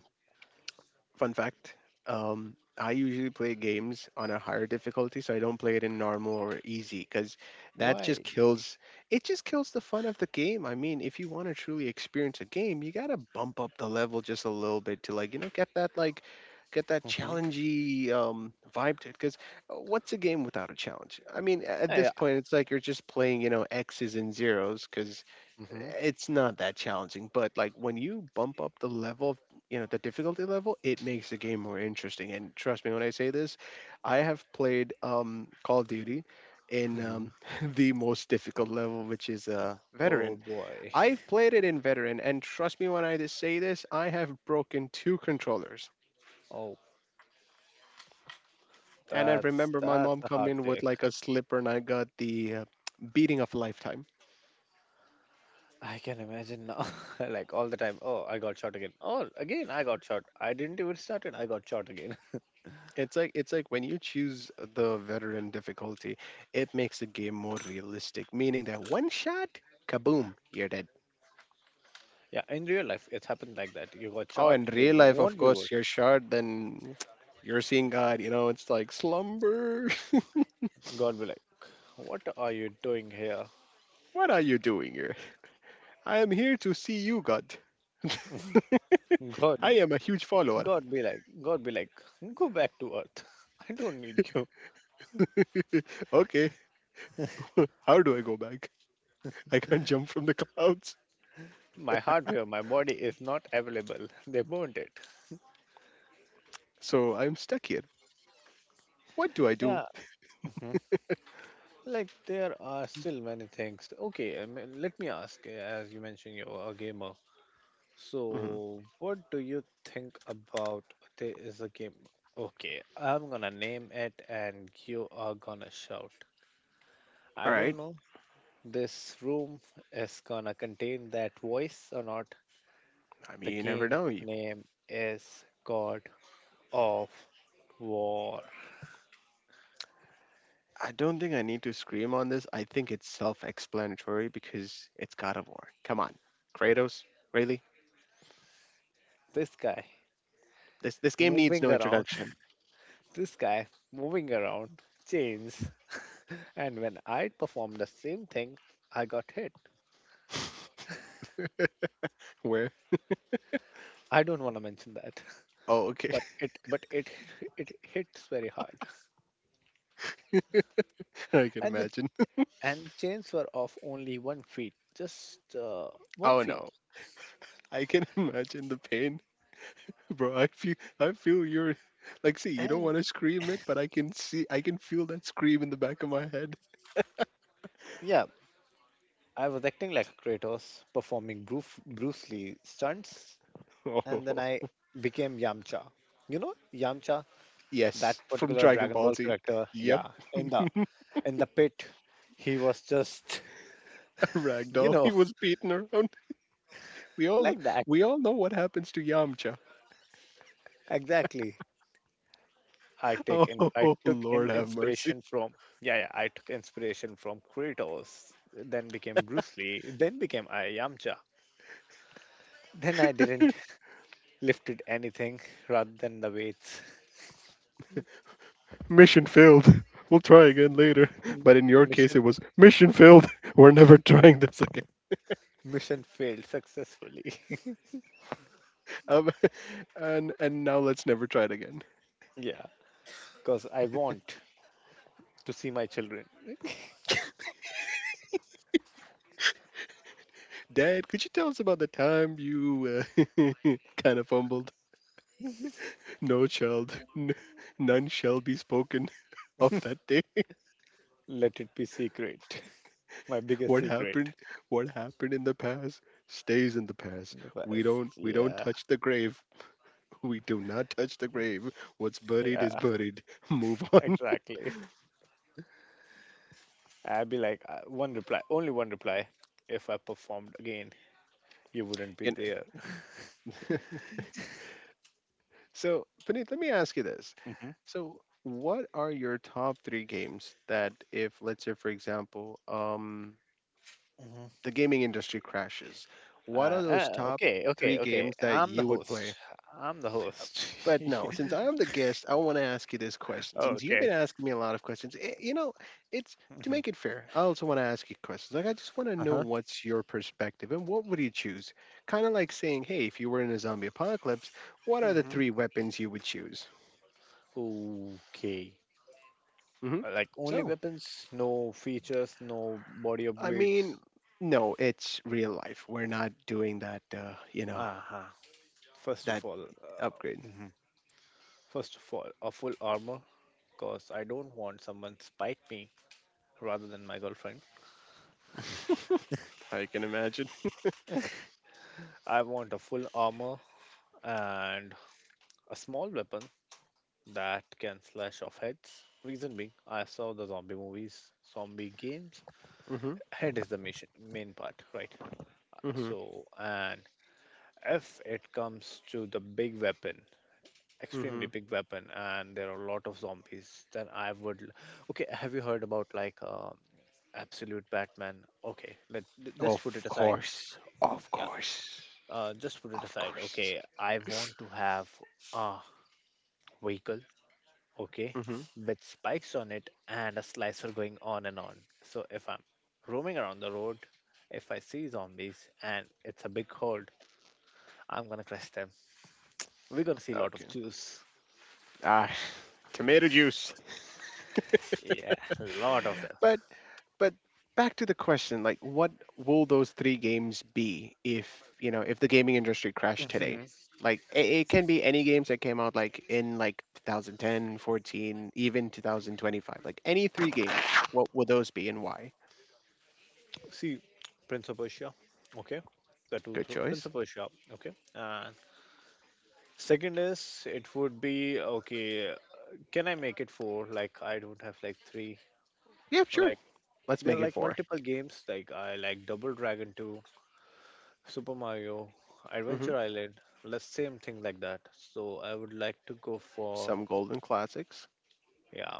Speaker 2: fun fact, I usually play games on a higher difficulty, so I don't play it in normal or easy because that just
Speaker 1: Why?
Speaker 2: kills it just kills the fun of the game. I mean, if you want to truly experience a game, you gotta bump up the level just a little bit to like, get that like get that
Speaker 1: Hmm.
Speaker 2: challengey vibe to it because what's a game without a challenge? I mean, at
Speaker 1: Yeah.
Speaker 2: this
Speaker 1: Yeah.
Speaker 2: point it's like you're just playing, you know, x's and zeros because
Speaker 1: Hmm.
Speaker 2: it's not that challenging. But like when you bump up the level, you know, the difficulty level, it makes the game more interesting. And trust me when I say this, I have played Call of Duty in
Speaker 1: Hmm.
Speaker 2: the most difficult level, which is veteran.
Speaker 1: Oh boy.
Speaker 2: I've played it in veteran, and trust me when I just say this, I have broken 2 controllers,
Speaker 1: Oh,
Speaker 2: and I
Speaker 1: that's
Speaker 2: remember my
Speaker 1: that's
Speaker 2: mom
Speaker 1: a hard
Speaker 2: coming with
Speaker 1: take.
Speaker 2: like a slipper, and I got the beating of a lifetime.
Speaker 1: I can imagine now, like, all the time. Oh, I got shot again. Oh, again, I got shot. I didn't even start it. I got shot again.
Speaker 2: It's like, it's like when you choose the veteran difficulty, it makes the game more realistic, meaning that one shot, kaboom, you're dead.
Speaker 1: Yeah, in real life, it's happened like that. You got
Speaker 2: Oh,
Speaker 1: shot.
Speaker 2: in
Speaker 1: You
Speaker 2: real life, of
Speaker 1: won't be
Speaker 2: course,
Speaker 1: work.
Speaker 2: you're short, then you're seeing God, you know, it's like slumber.
Speaker 1: God be like, what are you doing here?
Speaker 2: What are you doing here? I am here to see you, God. I
Speaker 1: God,
Speaker 2: am a huge follower.
Speaker 1: God be like, go back to Earth. I don't need you.
Speaker 2: Okay, how do I go back? I can't jump from the clouds.
Speaker 1: My hardware, my body is not available. They burned it.
Speaker 2: So I'm stuck here. What do I do?
Speaker 1: Yeah. Mhm. Like, there are still many things. Okay, I mean, let me ask. As you mentioned, you're a gamer.
Speaker 2: Hmm.
Speaker 1: So, what do you think about there is a game? Okay, I'm gonna name it and you are gonna shout.
Speaker 2: All
Speaker 1: I
Speaker 2: right.
Speaker 1: don't know this room is gonna contain that voice or not.
Speaker 2: I
Speaker 1: The
Speaker 2: mean, you never
Speaker 1: game
Speaker 2: know. You-
Speaker 1: name is God of War.
Speaker 2: I don't think I need to scream on this. I think it's self-explanatory because it's God of War. Come on, Kratos. Really?
Speaker 1: This guy
Speaker 2: This game needs
Speaker 1: moving
Speaker 2: no
Speaker 1: around,
Speaker 2: introduction.
Speaker 1: this guy moving around chains. And when I performed the same thing, I got hit.
Speaker 2: Where?
Speaker 1: I don't want to mention that,
Speaker 2: Oh, okay.
Speaker 1: but it it hits very hard.
Speaker 2: I can
Speaker 1: And the,
Speaker 2: imagine.
Speaker 1: chains were of only 1 feet, just one
Speaker 2: Oh
Speaker 1: feet
Speaker 2: no. I can imagine the pain, bro. I feel your, like, see, you don't
Speaker 1: And
Speaker 2: want to scream it, but I can see, I can feel that scream in the back of my head.
Speaker 1: yeah, I was acting like a Kratos, performing Bruce Lee stunts, and
Speaker 2: Oh,
Speaker 1: then I became Yamcha. You know, Yamcha, that
Speaker 2: yes, from
Speaker 1: particular
Speaker 2: Dragon
Speaker 1: Dragon
Speaker 2: Ball
Speaker 1: Ball
Speaker 2: Z.
Speaker 1: character.
Speaker 2: Yep,
Speaker 1: Yeah. In the, pit, he was just you
Speaker 2: ragdoll. He
Speaker 1: know,
Speaker 2: was beaten around. We all
Speaker 1: like that.
Speaker 2: we all know what happens to Yamcha.
Speaker 1: Exactly. I
Speaker 2: Oh,
Speaker 1: take and I took
Speaker 2: Lord
Speaker 1: in
Speaker 2: have mercy.
Speaker 1: inspiration from... Yeah, yeah, I took inspiration from Kratos, then became Bruce Lee, then became I Yamcha. Then I didn't lifted anything rather than the weights.
Speaker 2: Mission failed. We'll try again later.
Speaker 1: M-
Speaker 2: But in your case,
Speaker 1: Mission
Speaker 2: it was mission failed. We're never trying this again.
Speaker 1: mission failed successfully.
Speaker 2: Um, and now let's never try it again.
Speaker 1: Yeah, because I want to see my children.
Speaker 2: Dad, could you tell us about the time you uh, kind of fumbled? No, child, none shall be spoken of that day.
Speaker 1: Let it be secret. My biggest
Speaker 2: What
Speaker 1: secret.
Speaker 2: happened? What happened in the past stays in the past.
Speaker 1: The
Speaker 2: We
Speaker 1: best.
Speaker 2: don't we don't
Speaker 1: Yeah,
Speaker 2: touch the grave. We do not touch the grave. What's buried is
Speaker 1: yeah,
Speaker 2: buried. Move on.
Speaker 1: exactly. I'd be like, one reply, only one reply. If I performed again, you wouldn't be
Speaker 2: You
Speaker 1: there.
Speaker 2: know? So, Puneet, let me ask you this.
Speaker 1: Hmm.
Speaker 2: So, what are your top three games that, if let's say, for example,
Speaker 1: Hmm.
Speaker 2: the gaming industry crashes, what are those top
Speaker 1: Okay, okay,
Speaker 2: three
Speaker 1: okay.
Speaker 2: games that
Speaker 1: I'm the
Speaker 2: you would
Speaker 1: host.
Speaker 2: play?
Speaker 1: I'm the host.
Speaker 2: But no, since I am the guest, I want to ask you this question. Since you've been
Speaker 1: Okay.
Speaker 2: asking me a lot of questions, eh, you know, it's to
Speaker 1: Hmm.
Speaker 2: make it fair. I also want to ask you questions. Like, I just want to know
Speaker 1: Uh-huh.
Speaker 2: what's your perspective and what would you choose? Kind of like saying, hey, if you were in a zombie apocalypse, what are the
Speaker 1: Hmm.
Speaker 2: three weapons you would choose?
Speaker 1: Okay.
Speaker 2: Hmm.
Speaker 1: Like, only
Speaker 2: So,
Speaker 1: weapons, no features, no body
Speaker 2: I mean,
Speaker 1: upgrades.
Speaker 2: no, it's real life. We're not doing that, you know,
Speaker 1: Uh-huh. First
Speaker 2: that
Speaker 1: of all,
Speaker 2: upgrade.
Speaker 1: first of all, a full armor, cause I don't want someone spite me rather than my girlfriend.
Speaker 2: I can imagine.
Speaker 1: I want a full armor and a small weapon that can slash off heads. Reason being, I saw the zombie movies, zombie games.
Speaker 2: Mm-hmm.
Speaker 1: Head is the mission, main part, right?
Speaker 2: Mm-hmm.
Speaker 1: So, and if it comes to the big weapon, extremely
Speaker 2: Mm-hmm.
Speaker 1: big weapon, and there are a lot of zombies, then I would. Okay, have you heard about, like, Absolute Batman? Okay, let just put it
Speaker 2: Of
Speaker 1: aside.
Speaker 2: course. Of
Speaker 1: Yeah,
Speaker 2: course.
Speaker 1: just put it
Speaker 2: Of
Speaker 1: aside.
Speaker 2: course.
Speaker 1: Okay, I want to have a vehicle, okay,
Speaker 2: Mm-hmm.
Speaker 1: with spikes on it and a slicer going on and on. So if I'm roaming around the road, if I see zombies and it's a big horde, I'm gonna crush them. We're gonna see a lot
Speaker 2: Okay.
Speaker 1: of Jews.
Speaker 2: Ah, tomato juice.
Speaker 1: Yeah, a lot of them.
Speaker 2: But but back to the question, like what will those three games be if, you know, if the gaming industry crashed today?
Speaker 1: Mhm.
Speaker 2: Like it can be any games that came out like in like 2010, 14, even 2025. Like any three games, what would those be and why?
Speaker 1: See, Prince of Persia, okay, the two
Speaker 2: Good
Speaker 1: through Prince
Speaker 2: choice.
Speaker 1: of Persia, okay. And second is it would be okay. Can I make it four? Like, I don't have like three.
Speaker 2: Yeah, sure.
Speaker 1: Like,
Speaker 2: Let's
Speaker 1: there are
Speaker 2: make it
Speaker 1: like
Speaker 2: 4.
Speaker 1: multiple games. Like, I like Double Dragon 2, Super Mario,
Speaker 2: Mm-hmm.
Speaker 1: Adventure Island, the same thing like that. So I would like to go for,
Speaker 2: Some golden classics.
Speaker 1: yeah,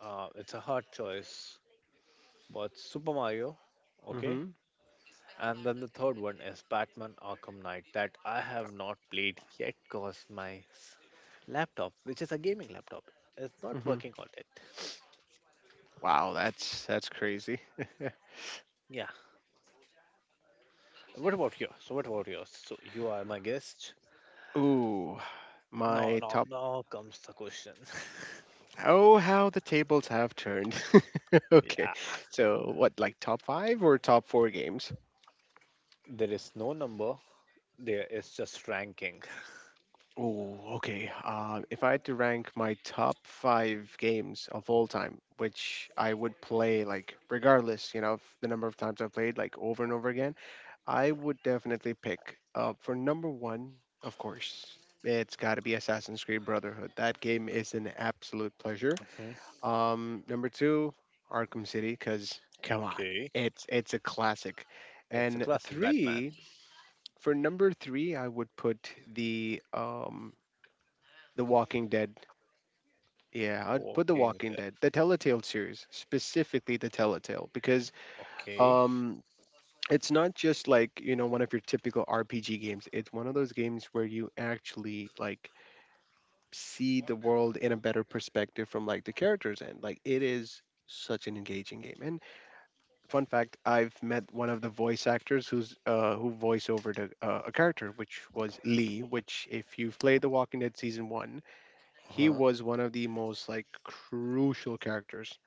Speaker 1: it's a hard choice, but Super Mario, okay.
Speaker 2: Mhm,
Speaker 1: And then the third one is Batman Arkham Knight that I have not played yet because my laptop, which is a gaming laptop, is not
Speaker 2: mhm.
Speaker 1: working on it.
Speaker 2: Wow, that's crazy.
Speaker 1: Yeah. What about yours? So what about yours? So you are my guest.
Speaker 2: Ooh,
Speaker 1: No,
Speaker 2: my
Speaker 1: no,
Speaker 2: top.
Speaker 1: now comes the question.
Speaker 2: Oh, how the tables have turned. Okay,
Speaker 1: Yeah.
Speaker 2: so what, like top five or top four games?
Speaker 1: There is no number. There is just ranking.
Speaker 2: Oh, okay. If I had to rank my top five games of all time, which I would play like regardless, you know, of the number of times I've played, like over and over again, I would definitely pick for number one, of course. It's got to be Assassin's Creed Brotherhood. That game is an absolute pleasure. Number two, Arkham City, because come on,
Speaker 1: Okay,
Speaker 2: it's a classic.
Speaker 1: it's a
Speaker 2: And
Speaker 1: classic Batman.
Speaker 2: three, for number three, I would put the Walking Dead. Yeah, I'd put the
Speaker 1: Walking
Speaker 2: Walking
Speaker 1: there.
Speaker 2: Dead, the Telltale series, specifically the Telltale, because
Speaker 1: Okay.
Speaker 2: um, it's not just like, you know, one of your typical RPG games. It's one of those games where you actually, like, see the world in a better perspective from like the characters end. Like it is such an engaging game. And fun fact, I've met one of the voice actors who's who voice over the, a character, which was Lee. Which, if you've played The Walking Dead season one,
Speaker 1: Uh
Speaker 2: he
Speaker 1: huh.
Speaker 2: was one of the most like crucial characters.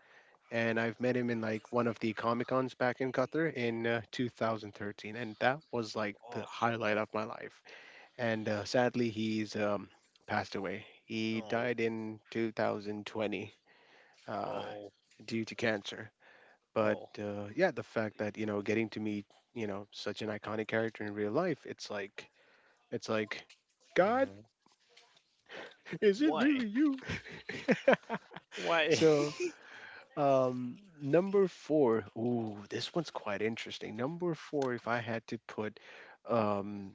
Speaker 2: And I've met him in like one of the Comic Cons back in Qatar in 2013, and that was like the
Speaker 1: Awesome.
Speaker 2: highlight of my life and sadly he's passed away. He
Speaker 1: Oh,
Speaker 2: died in 2020 uh,
Speaker 1: oh,
Speaker 2: due to cancer. But
Speaker 1: oh.
Speaker 2: yeah, the fact that, you know, getting to meet, you know, such an iconic character in real life, it's like, God,
Speaker 1: Mm-hmm.
Speaker 2: is it
Speaker 1: Why?
Speaker 2: really you?
Speaker 1: Why?
Speaker 2: So number four, ooh, this one's quite interesting. Number four, if I had to put um,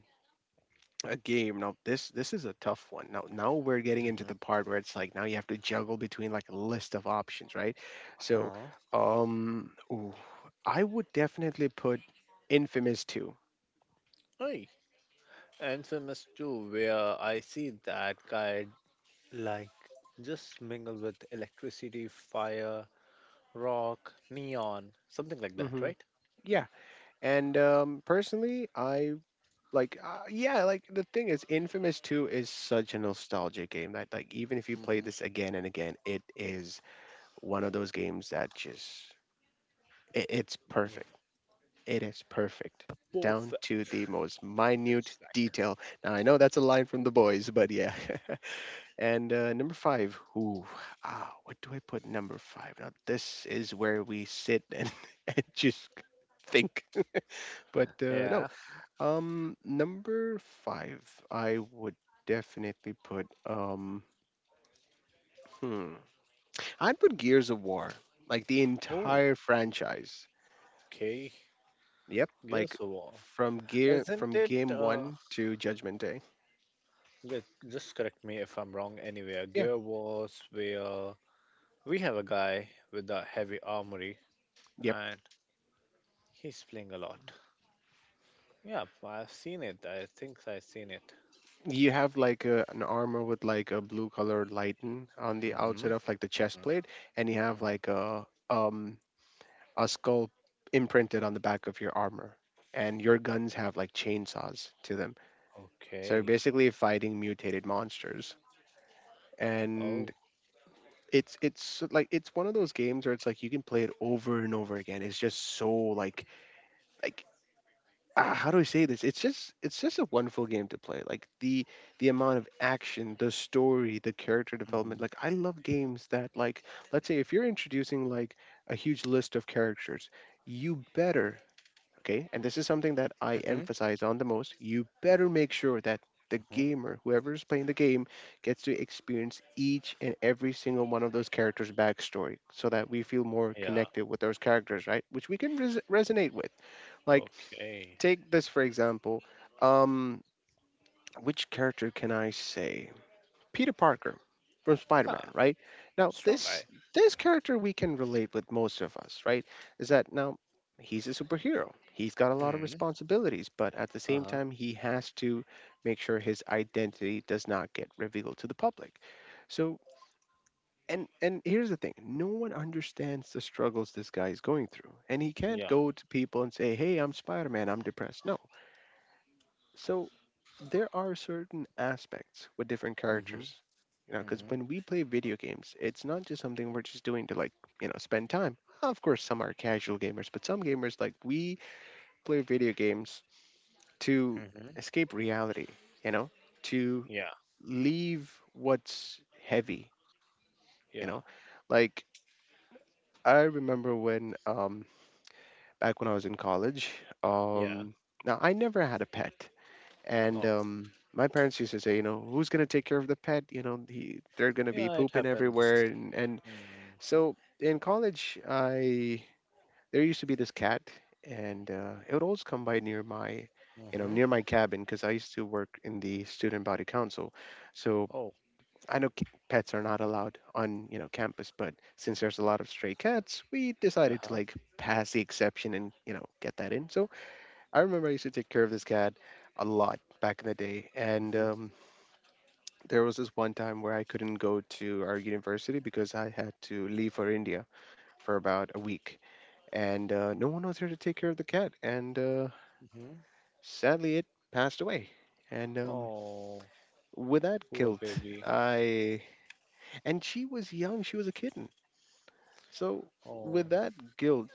Speaker 2: a game. Now this is a tough one. Now we're getting into
Speaker 1: Mm-hmm.
Speaker 2: the part where it's like now you have to juggle between like a list of options, right? So
Speaker 1: Huh.
Speaker 2: um ooh, I would definitely put Infamous 2.
Speaker 1: Hey, and famous too, where I see that guy like just mingle with electricity, fire, rock, neon, something like that,
Speaker 2: Hmm
Speaker 1: right?
Speaker 2: Yeah. And um, personally I like yeah, like the thing is Infamous 2 is such a nostalgia game that like even if you play
Speaker 1: Mm-hmm.
Speaker 2: this again and again, it is one of those games that just it's
Speaker 1: Yeah.
Speaker 2: perfect. It is perfect, down
Speaker 1: Perfect.
Speaker 2: to the most minute
Speaker 1: It's like,
Speaker 2: detail. Now, I know that's a line from the boys, but yeah. and number five, ooh, ah, what do I put number five? Now, this is where we sit and, and just think. but no,
Speaker 1: yeah.
Speaker 2: number five, I would definitely put, hmm, I'd put Gears of War, like the
Speaker 1: Oh,
Speaker 2: entire franchise.
Speaker 1: okay.
Speaker 2: Yep, like
Speaker 1: Gears of War. Isn't
Speaker 2: from
Speaker 1: it?
Speaker 2: game one to Judgment Day.
Speaker 1: Ju- Just correct me if I'm wrong anywhere.
Speaker 2: Yeah.
Speaker 1: Gear Wars, where we have a guy with a heavy armory,
Speaker 2: Yep.
Speaker 1: and he's playing a lot. Yeah, I've seen it. I think I've seen it.
Speaker 2: You have like a, an armor with like a blue colored lighten on the
Speaker 1: Mm-hmm.
Speaker 2: outside of like the chest
Speaker 1: Mm-hmm.
Speaker 2: plate, and you have
Speaker 1: Hmm.
Speaker 2: like a a skull imprinted on the back of your armor, and your guns have like chainsaws to them. So you're
Speaker 1: Okay.
Speaker 2: basically fighting mutated monsters, and
Speaker 1: Oh.
Speaker 2: it's like it's one of those games where it's like you can play it over and over again. It's just so like ah, how do I say this? It's just a wonderful game to play. Like the amount of action, the story, the character
Speaker 1: Mm-hmm.
Speaker 2: development. Like I love games that like let's say if you're introducing like a huge list of characters, you better, okay? And this is something that I
Speaker 1: Mm-hmm.
Speaker 2: emphasize on the most. You better make sure that the
Speaker 1: Hmm.
Speaker 2: gamer, whoever is playing the game, gets to experience each and every single one of those characters' backstory so that we feel more
Speaker 1: Yeah.
Speaker 2: connected with those characters, right? Which we can resonate with. Like
Speaker 1: Okay.
Speaker 2: take this for example. Um, which character can I say? Peter Parker from
Speaker 1: Yeah.
Speaker 2: Spider-Man, right? Now
Speaker 1: Strong guy.
Speaker 2: this character we can relate with most of us, right? Is that now he's a superhero. He's got a lot of
Speaker 1: Hmm.
Speaker 2: responsibilities, but at the same
Speaker 1: Uh-huh.
Speaker 2: time he has to make sure his identity does not get revealed to the public. So and here's the thing, no one understands the struggles this guy is going through. And he can't
Speaker 1: Yeah.
Speaker 2: go to people and say, "Hey, I'm Spider-Man, I'm depressed." No. So there are certain aspects with different
Speaker 1: Mm-hmm.
Speaker 2: characters, you know, because
Speaker 1: Mm-hmm.
Speaker 2: when we play video games it's not just something we're just doing to like, you know, spend time. Of course some are casual gamers but some gamers like we play video games to
Speaker 1: Mm-hmm.
Speaker 2: escape reality, you know, to
Speaker 1: Yeah.
Speaker 2: leave what's heavy, you
Speaker 1: Yeah.
Speaker 2: know, like I remember when back when I was in college,
Speaker 1: Yeah.
Speaker 2: um now I never had a pet. And
Speaker 1: Oh.
Speaker 2: my parents used to say, you know, who's going to take care of the pet? You know, they're going to be
Speaker 1: Yeah, it
Speaker 2: pooping
Speaker 1: happens.
Speaker 2: everywhere. And
Speaker 1: Mm-hmm.
Speaker 2: so in college, I there used to be this cat, and it would always come by near my, you know, near my cabin because I used to work in the student body council. So
Speaker 1: Oh.
Speaker 2: I know pets are not allowed on, you know, campus, but since there's a lot of stray cats, we decided to
Speaker 1: Uh-huh.
Speaker 2: like pass the exception and, you know, get that in. So I remember I used to take care of this cat a lot back in the day, and there was this one time where I couldn't go to our university because I had to leave for India for about a week, and no one was here to take care of the cat, and
Speaker 1: Mm-hmm.
Speaker 2: sadly it passed away. And
Speaker 1: Oh,
Speaker 2: with that
Speaker 1: poor
Speaker 2: guilt,
Speaker 1: baby.
Speaker 2: I and she was young, she was a kitten, so
Speaker 1: Oh.
Speaker 2: with that guilt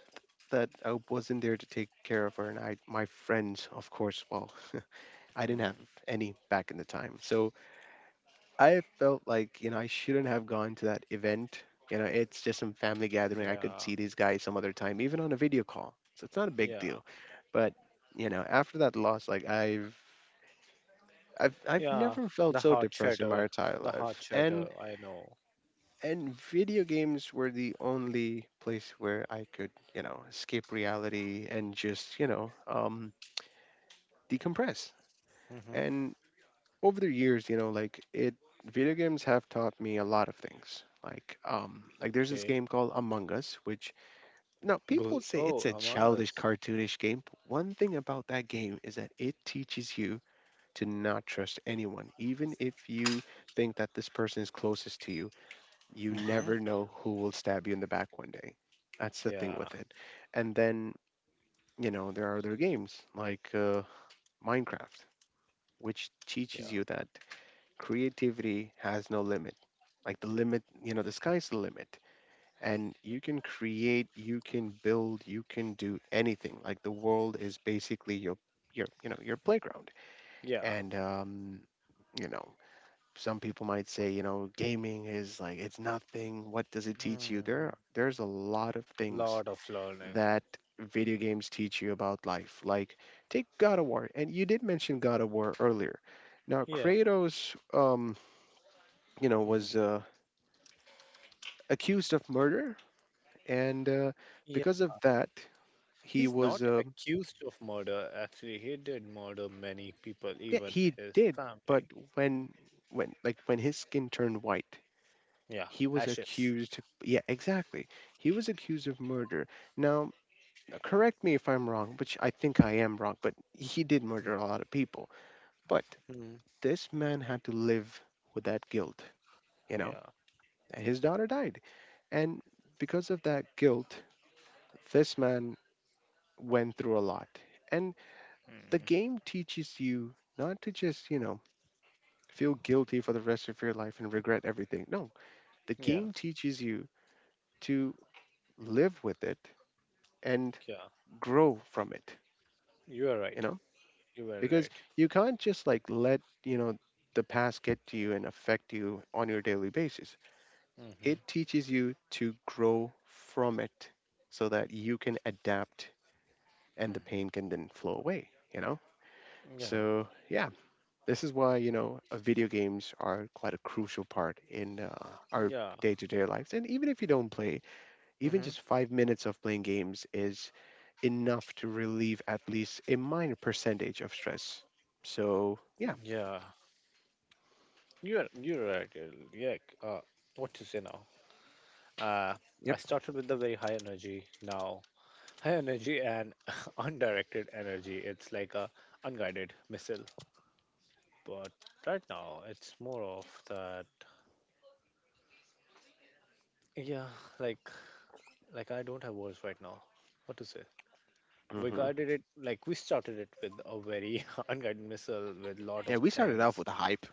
Speaker 2: that I wasn't there to take care of her, and I my friends, of course, well, I didn't have
Speaker 1: Hmm.
Speaker 2: any back in the time, so I felt like, you know, I shouldn't have gone to that event. You know, it's just some family gathering. I could
Speaker 1: Yeah,
Speaker 2: see these guys some other time, even on a video call. So it's not a big deal.
Speaker 1: yeah,
Speaker 2: But, you know, after that loss, like I've
Speaker 1: yeah.
Speaker 2: never felt
Speaker 1: The
Speaker 2: so
Speaker 1: heart
Speaker 2: depressed in my
Speaker 1: shatter.
Speaker 2: entire
Speaker 1: The heart
Speaker 2: life. And
Speaker 1: shatter. I know.
Speaker 2: and video games were the only place where I could, you know, escape reality and just, you know, decompress. And over the years, you know, like it video games have taught me a lot of things. Like there's this
Speaker 1: Okay.
Speaker 2: game called Among Us, which now people
Speaker 1: Go.
Speaker 2: would say it's
Speaker 1: Oh,
Speaker 2: a
Speaker 1: Among
Speaker 2: childish
Speaker 1: Us.
Speaker 2: cartoonish game, but one thing about that game is that it teaches you to not trust anyone. Even if you think that this person is closest to you, you
Speaker 1: Mm-hmm.
Speaker 2: never know who will stab you in the back one day. That's the thing
Speaker 1: Yeah,
Speaker 2: with it. And then, you know, there are other games like Minecraft, which teaches
Speaker 1: yeah,
Speaker 2: you that creativity has no limit. Like the limit, you know, the sky's the limit. And you can create, you can build, you can do anything. Like the world is basically you know your playground.
Speaker 1: yeah.
Speaker 2: And you know, some people might say, you know, gaming is like it's nothing. What does it teach you?
Speaker 1: Mm-hmm.
Speaker 2: There's a lot of things
Speaker 1: Lot of learning.
Speaker 2: that video games teach you about life. Like take God of War, and you did mention God of War earlier. Now
Speaker 1: Yeah.
Speaker 2: Kratos you know
Speaker 1: Mm-hmm.
Speaker 2: was accused of murder, and
Speaker 1: Yeah.
Speaker 2: because of that, he
Speaker 1: He's
Speaker 2: was
Speaker 1: not accused of murder. Actually, he did murder many people,
Speaker 2: yeah
Speaker 1: even
Speaker 2: he
Speaker 1: his
Speaker 2: did. But
Speaker 1: family.
Speaker 2: when when like when his skin turned white,
Speaker 1: Yeah.
Speaker 2: he was
Speaker 1: Ashes.
Speaker 2: accused. Yeah, exactly. He was accused of murder. Now, correct me if I'm wrong, which I think I am wrong, but he did murder a lot of people. But
Speaker 1: Mm-hmm.
Speaker 2: this man had to live with that guilt, you know.
Speaker 1: Yeah.
Speaker 2: And his daughter died, and because of that guilt, this man went through a lot. And the
Speaker 1: Mm.
Speaker 2: game teaches you not to just, you know, feel guilty for the rest of your life and regret everything. No, the
Speaker 1: Yeah.
Speaker 2: game teaches you to live with it and
Speaker 1: Yeah.
Speaker 2: grow from it,
Speaker 1: You are
Speaker 2: you
Speaker 1: right.
Speaker 2: know?
Speaker 1: You were
Speaker 2: Because
Speaker 1: right.
Speaker 2: you can't just like let, you know, the past get to you and affect you on your daily basis.
Speaker 1: Mm-hmm.
Speaker 2: It teaches you to grow from it so that you can adapt and the
Speaker 1: Mm-hmm.
Speaker 2: pain can then flow away, you know?
Speaker 1: Yeah.
Speaker 2: So, yeah, this is why, you know, video games are quite a crucial part in our
Speaker 1: Yeah.
Speaker 2: day to day lives. And even if you don't play, even
Speaker 1: Mm-hmm.
Speaker 2: just 5 minutes of playing games is enough to relieve at least a minor percentage of stress. So, yeah.
Speaker 1: Yeah. You're right, Errol. Yeah. Uh, what to say now? Uh,
Speaker 2: Yep.
Speaker 1: I started with the very high energy. Now, high energy and undirected energy. It's like a unguided missile. But right now, it's more of that. Yeah. Like like, I don't have words right now. What to say? We
Speaker 2: hmm
Speaker 1: guided it, like we started it with a very unguided missile with lot
Speaker 2: Yeah,
Speaker 1: of
Speaker 2: we started off
Speaker 1: things.
Speaker 2: with a hype.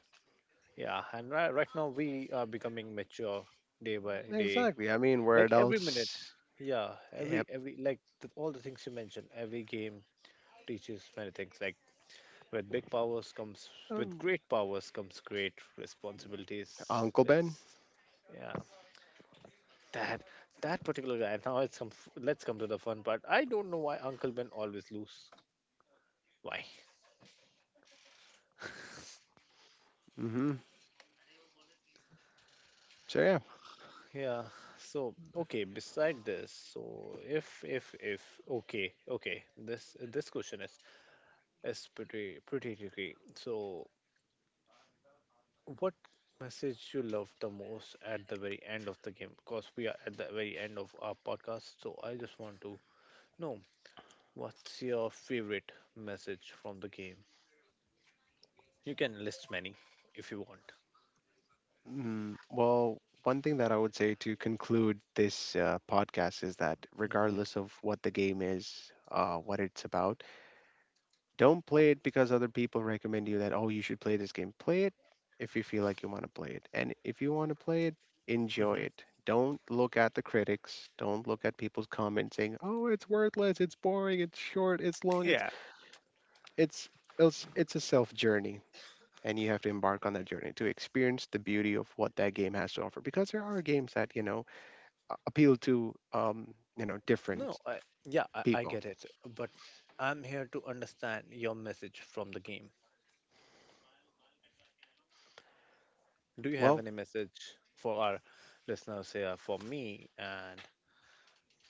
Speaker 1: Yeah, and right now we are becoming mature day by day.
Speaker 2: Exactly. I mean, we're
Speaker 1: Like every minute,
Speaker 2: adults.
Speaker 1: yeah, every
Speaker 2: Yep.
Speaker 1: every like all the things you mentioned, every game teaches many things. Like, with big powers comes with
Speaker 2: Um,
Speaker 1: great powers comes great responsibilities.
Speaker 2: Uncle Ben.
Speaker 1: It's, yeah, that that particular guy. Now it's come. Let's come to the fun part. I don't know why Uncle Ben always lose. Why?
Speaker 2: Hmm So, yeah.
Speaker 1: Yeah. So, okay. Beside this, so if okay, okay, this question is... It's pretty tricky. So, what message you love the most at the very end of the game? Because we are at the very end of our podcast, so I just want to know what's your favorite message from the game. You can list many if you want.
Speaker 2: Mm, well, one thing that I would say to conclude this podcast is that
Speaker 1: Hmm.
Speaker 2: regardless of what the game is, what it's about, don't play it because other people recommend you that, oh, you should play this game. Play it if you feel like you want to play it. And if you want to play it, enjoy
Speaker 1: Hmm.
Speaker 2: it. Don't look at the critics. Don't look at people's comments saying, "Oh, it's worthless, it's boring, it's short, it's long,
Speaker 1: Yeah.
Speaker 2: it's it's it's a self journey and you have to embark on that journey to experience the beauty of what that game has to offer because there are games that, you know, appeal to you know,
Speaker 1: No,
Speaker 2: different
Speaker 1: I, yeah, I, I
Speaker 2: people.
Speaker 1: get it, but I'm here to understand your message from the game. Do you have
Speaker 2: Well,
Speaker 1: any message for our listeners here? For me, and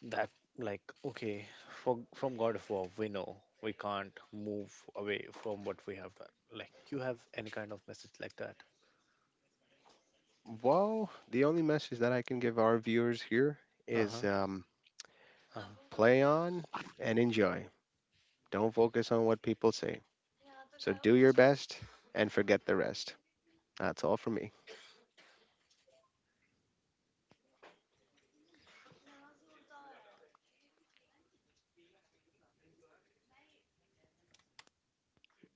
Speaker 1: that, like, okay, from God of War, we know we can't move away from what we have done. Like, you have any kind of message like that?
Speaker 2: well the only message that I can give our viewers here is
Speaker 1: Uh-huh.
Speaker 2: play
Speaker 1: Uh-huh.
Speaker 2: on and enjoy, don't focus on what people say, so do your best and forget the rest. That's all from me.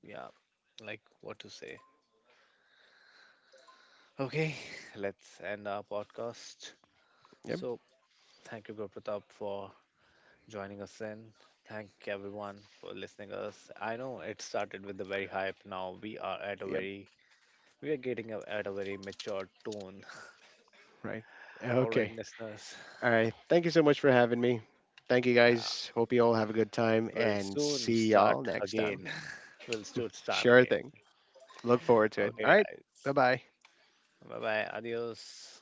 Speaker 1: Yeah. Like, what to say? Okay, let's end our podcast.
Speaker 2: Yep.
Speaker 1: So, thank you, Guru Pratap, for joining us in. Thank everyone for listening us. I know it started with a very hype. Now
Speaker 2: Yep.
Speaker 1: we are getting at a very mature tone.
Speaker 2: Right.
Speaker 1: All right,
Speaker 2: Okay.
Speaker 1: listeners.
Speaker 2: All right, thank you so much for having me. Thank you
Speaker 1: Yeah.
Speaker 2: guys, hope you all have a good time
Speaker 1: We'll
Speaker 2: and
Speaker 1: soon
Speaker 2: see
Speaker 1: start
Speaker 2: y'all next time.
Speaker 1: again. We'll soon start
Speaker 2: Sure
Speaker 1: again.
Speaker 2: thing. Look forward to it.
Speaker 1: Okay,
Speaker 2: All right. Bye
Speaker 1: guys.
Speaker 2: bye.
Speaker 1: Bye bye. Adios.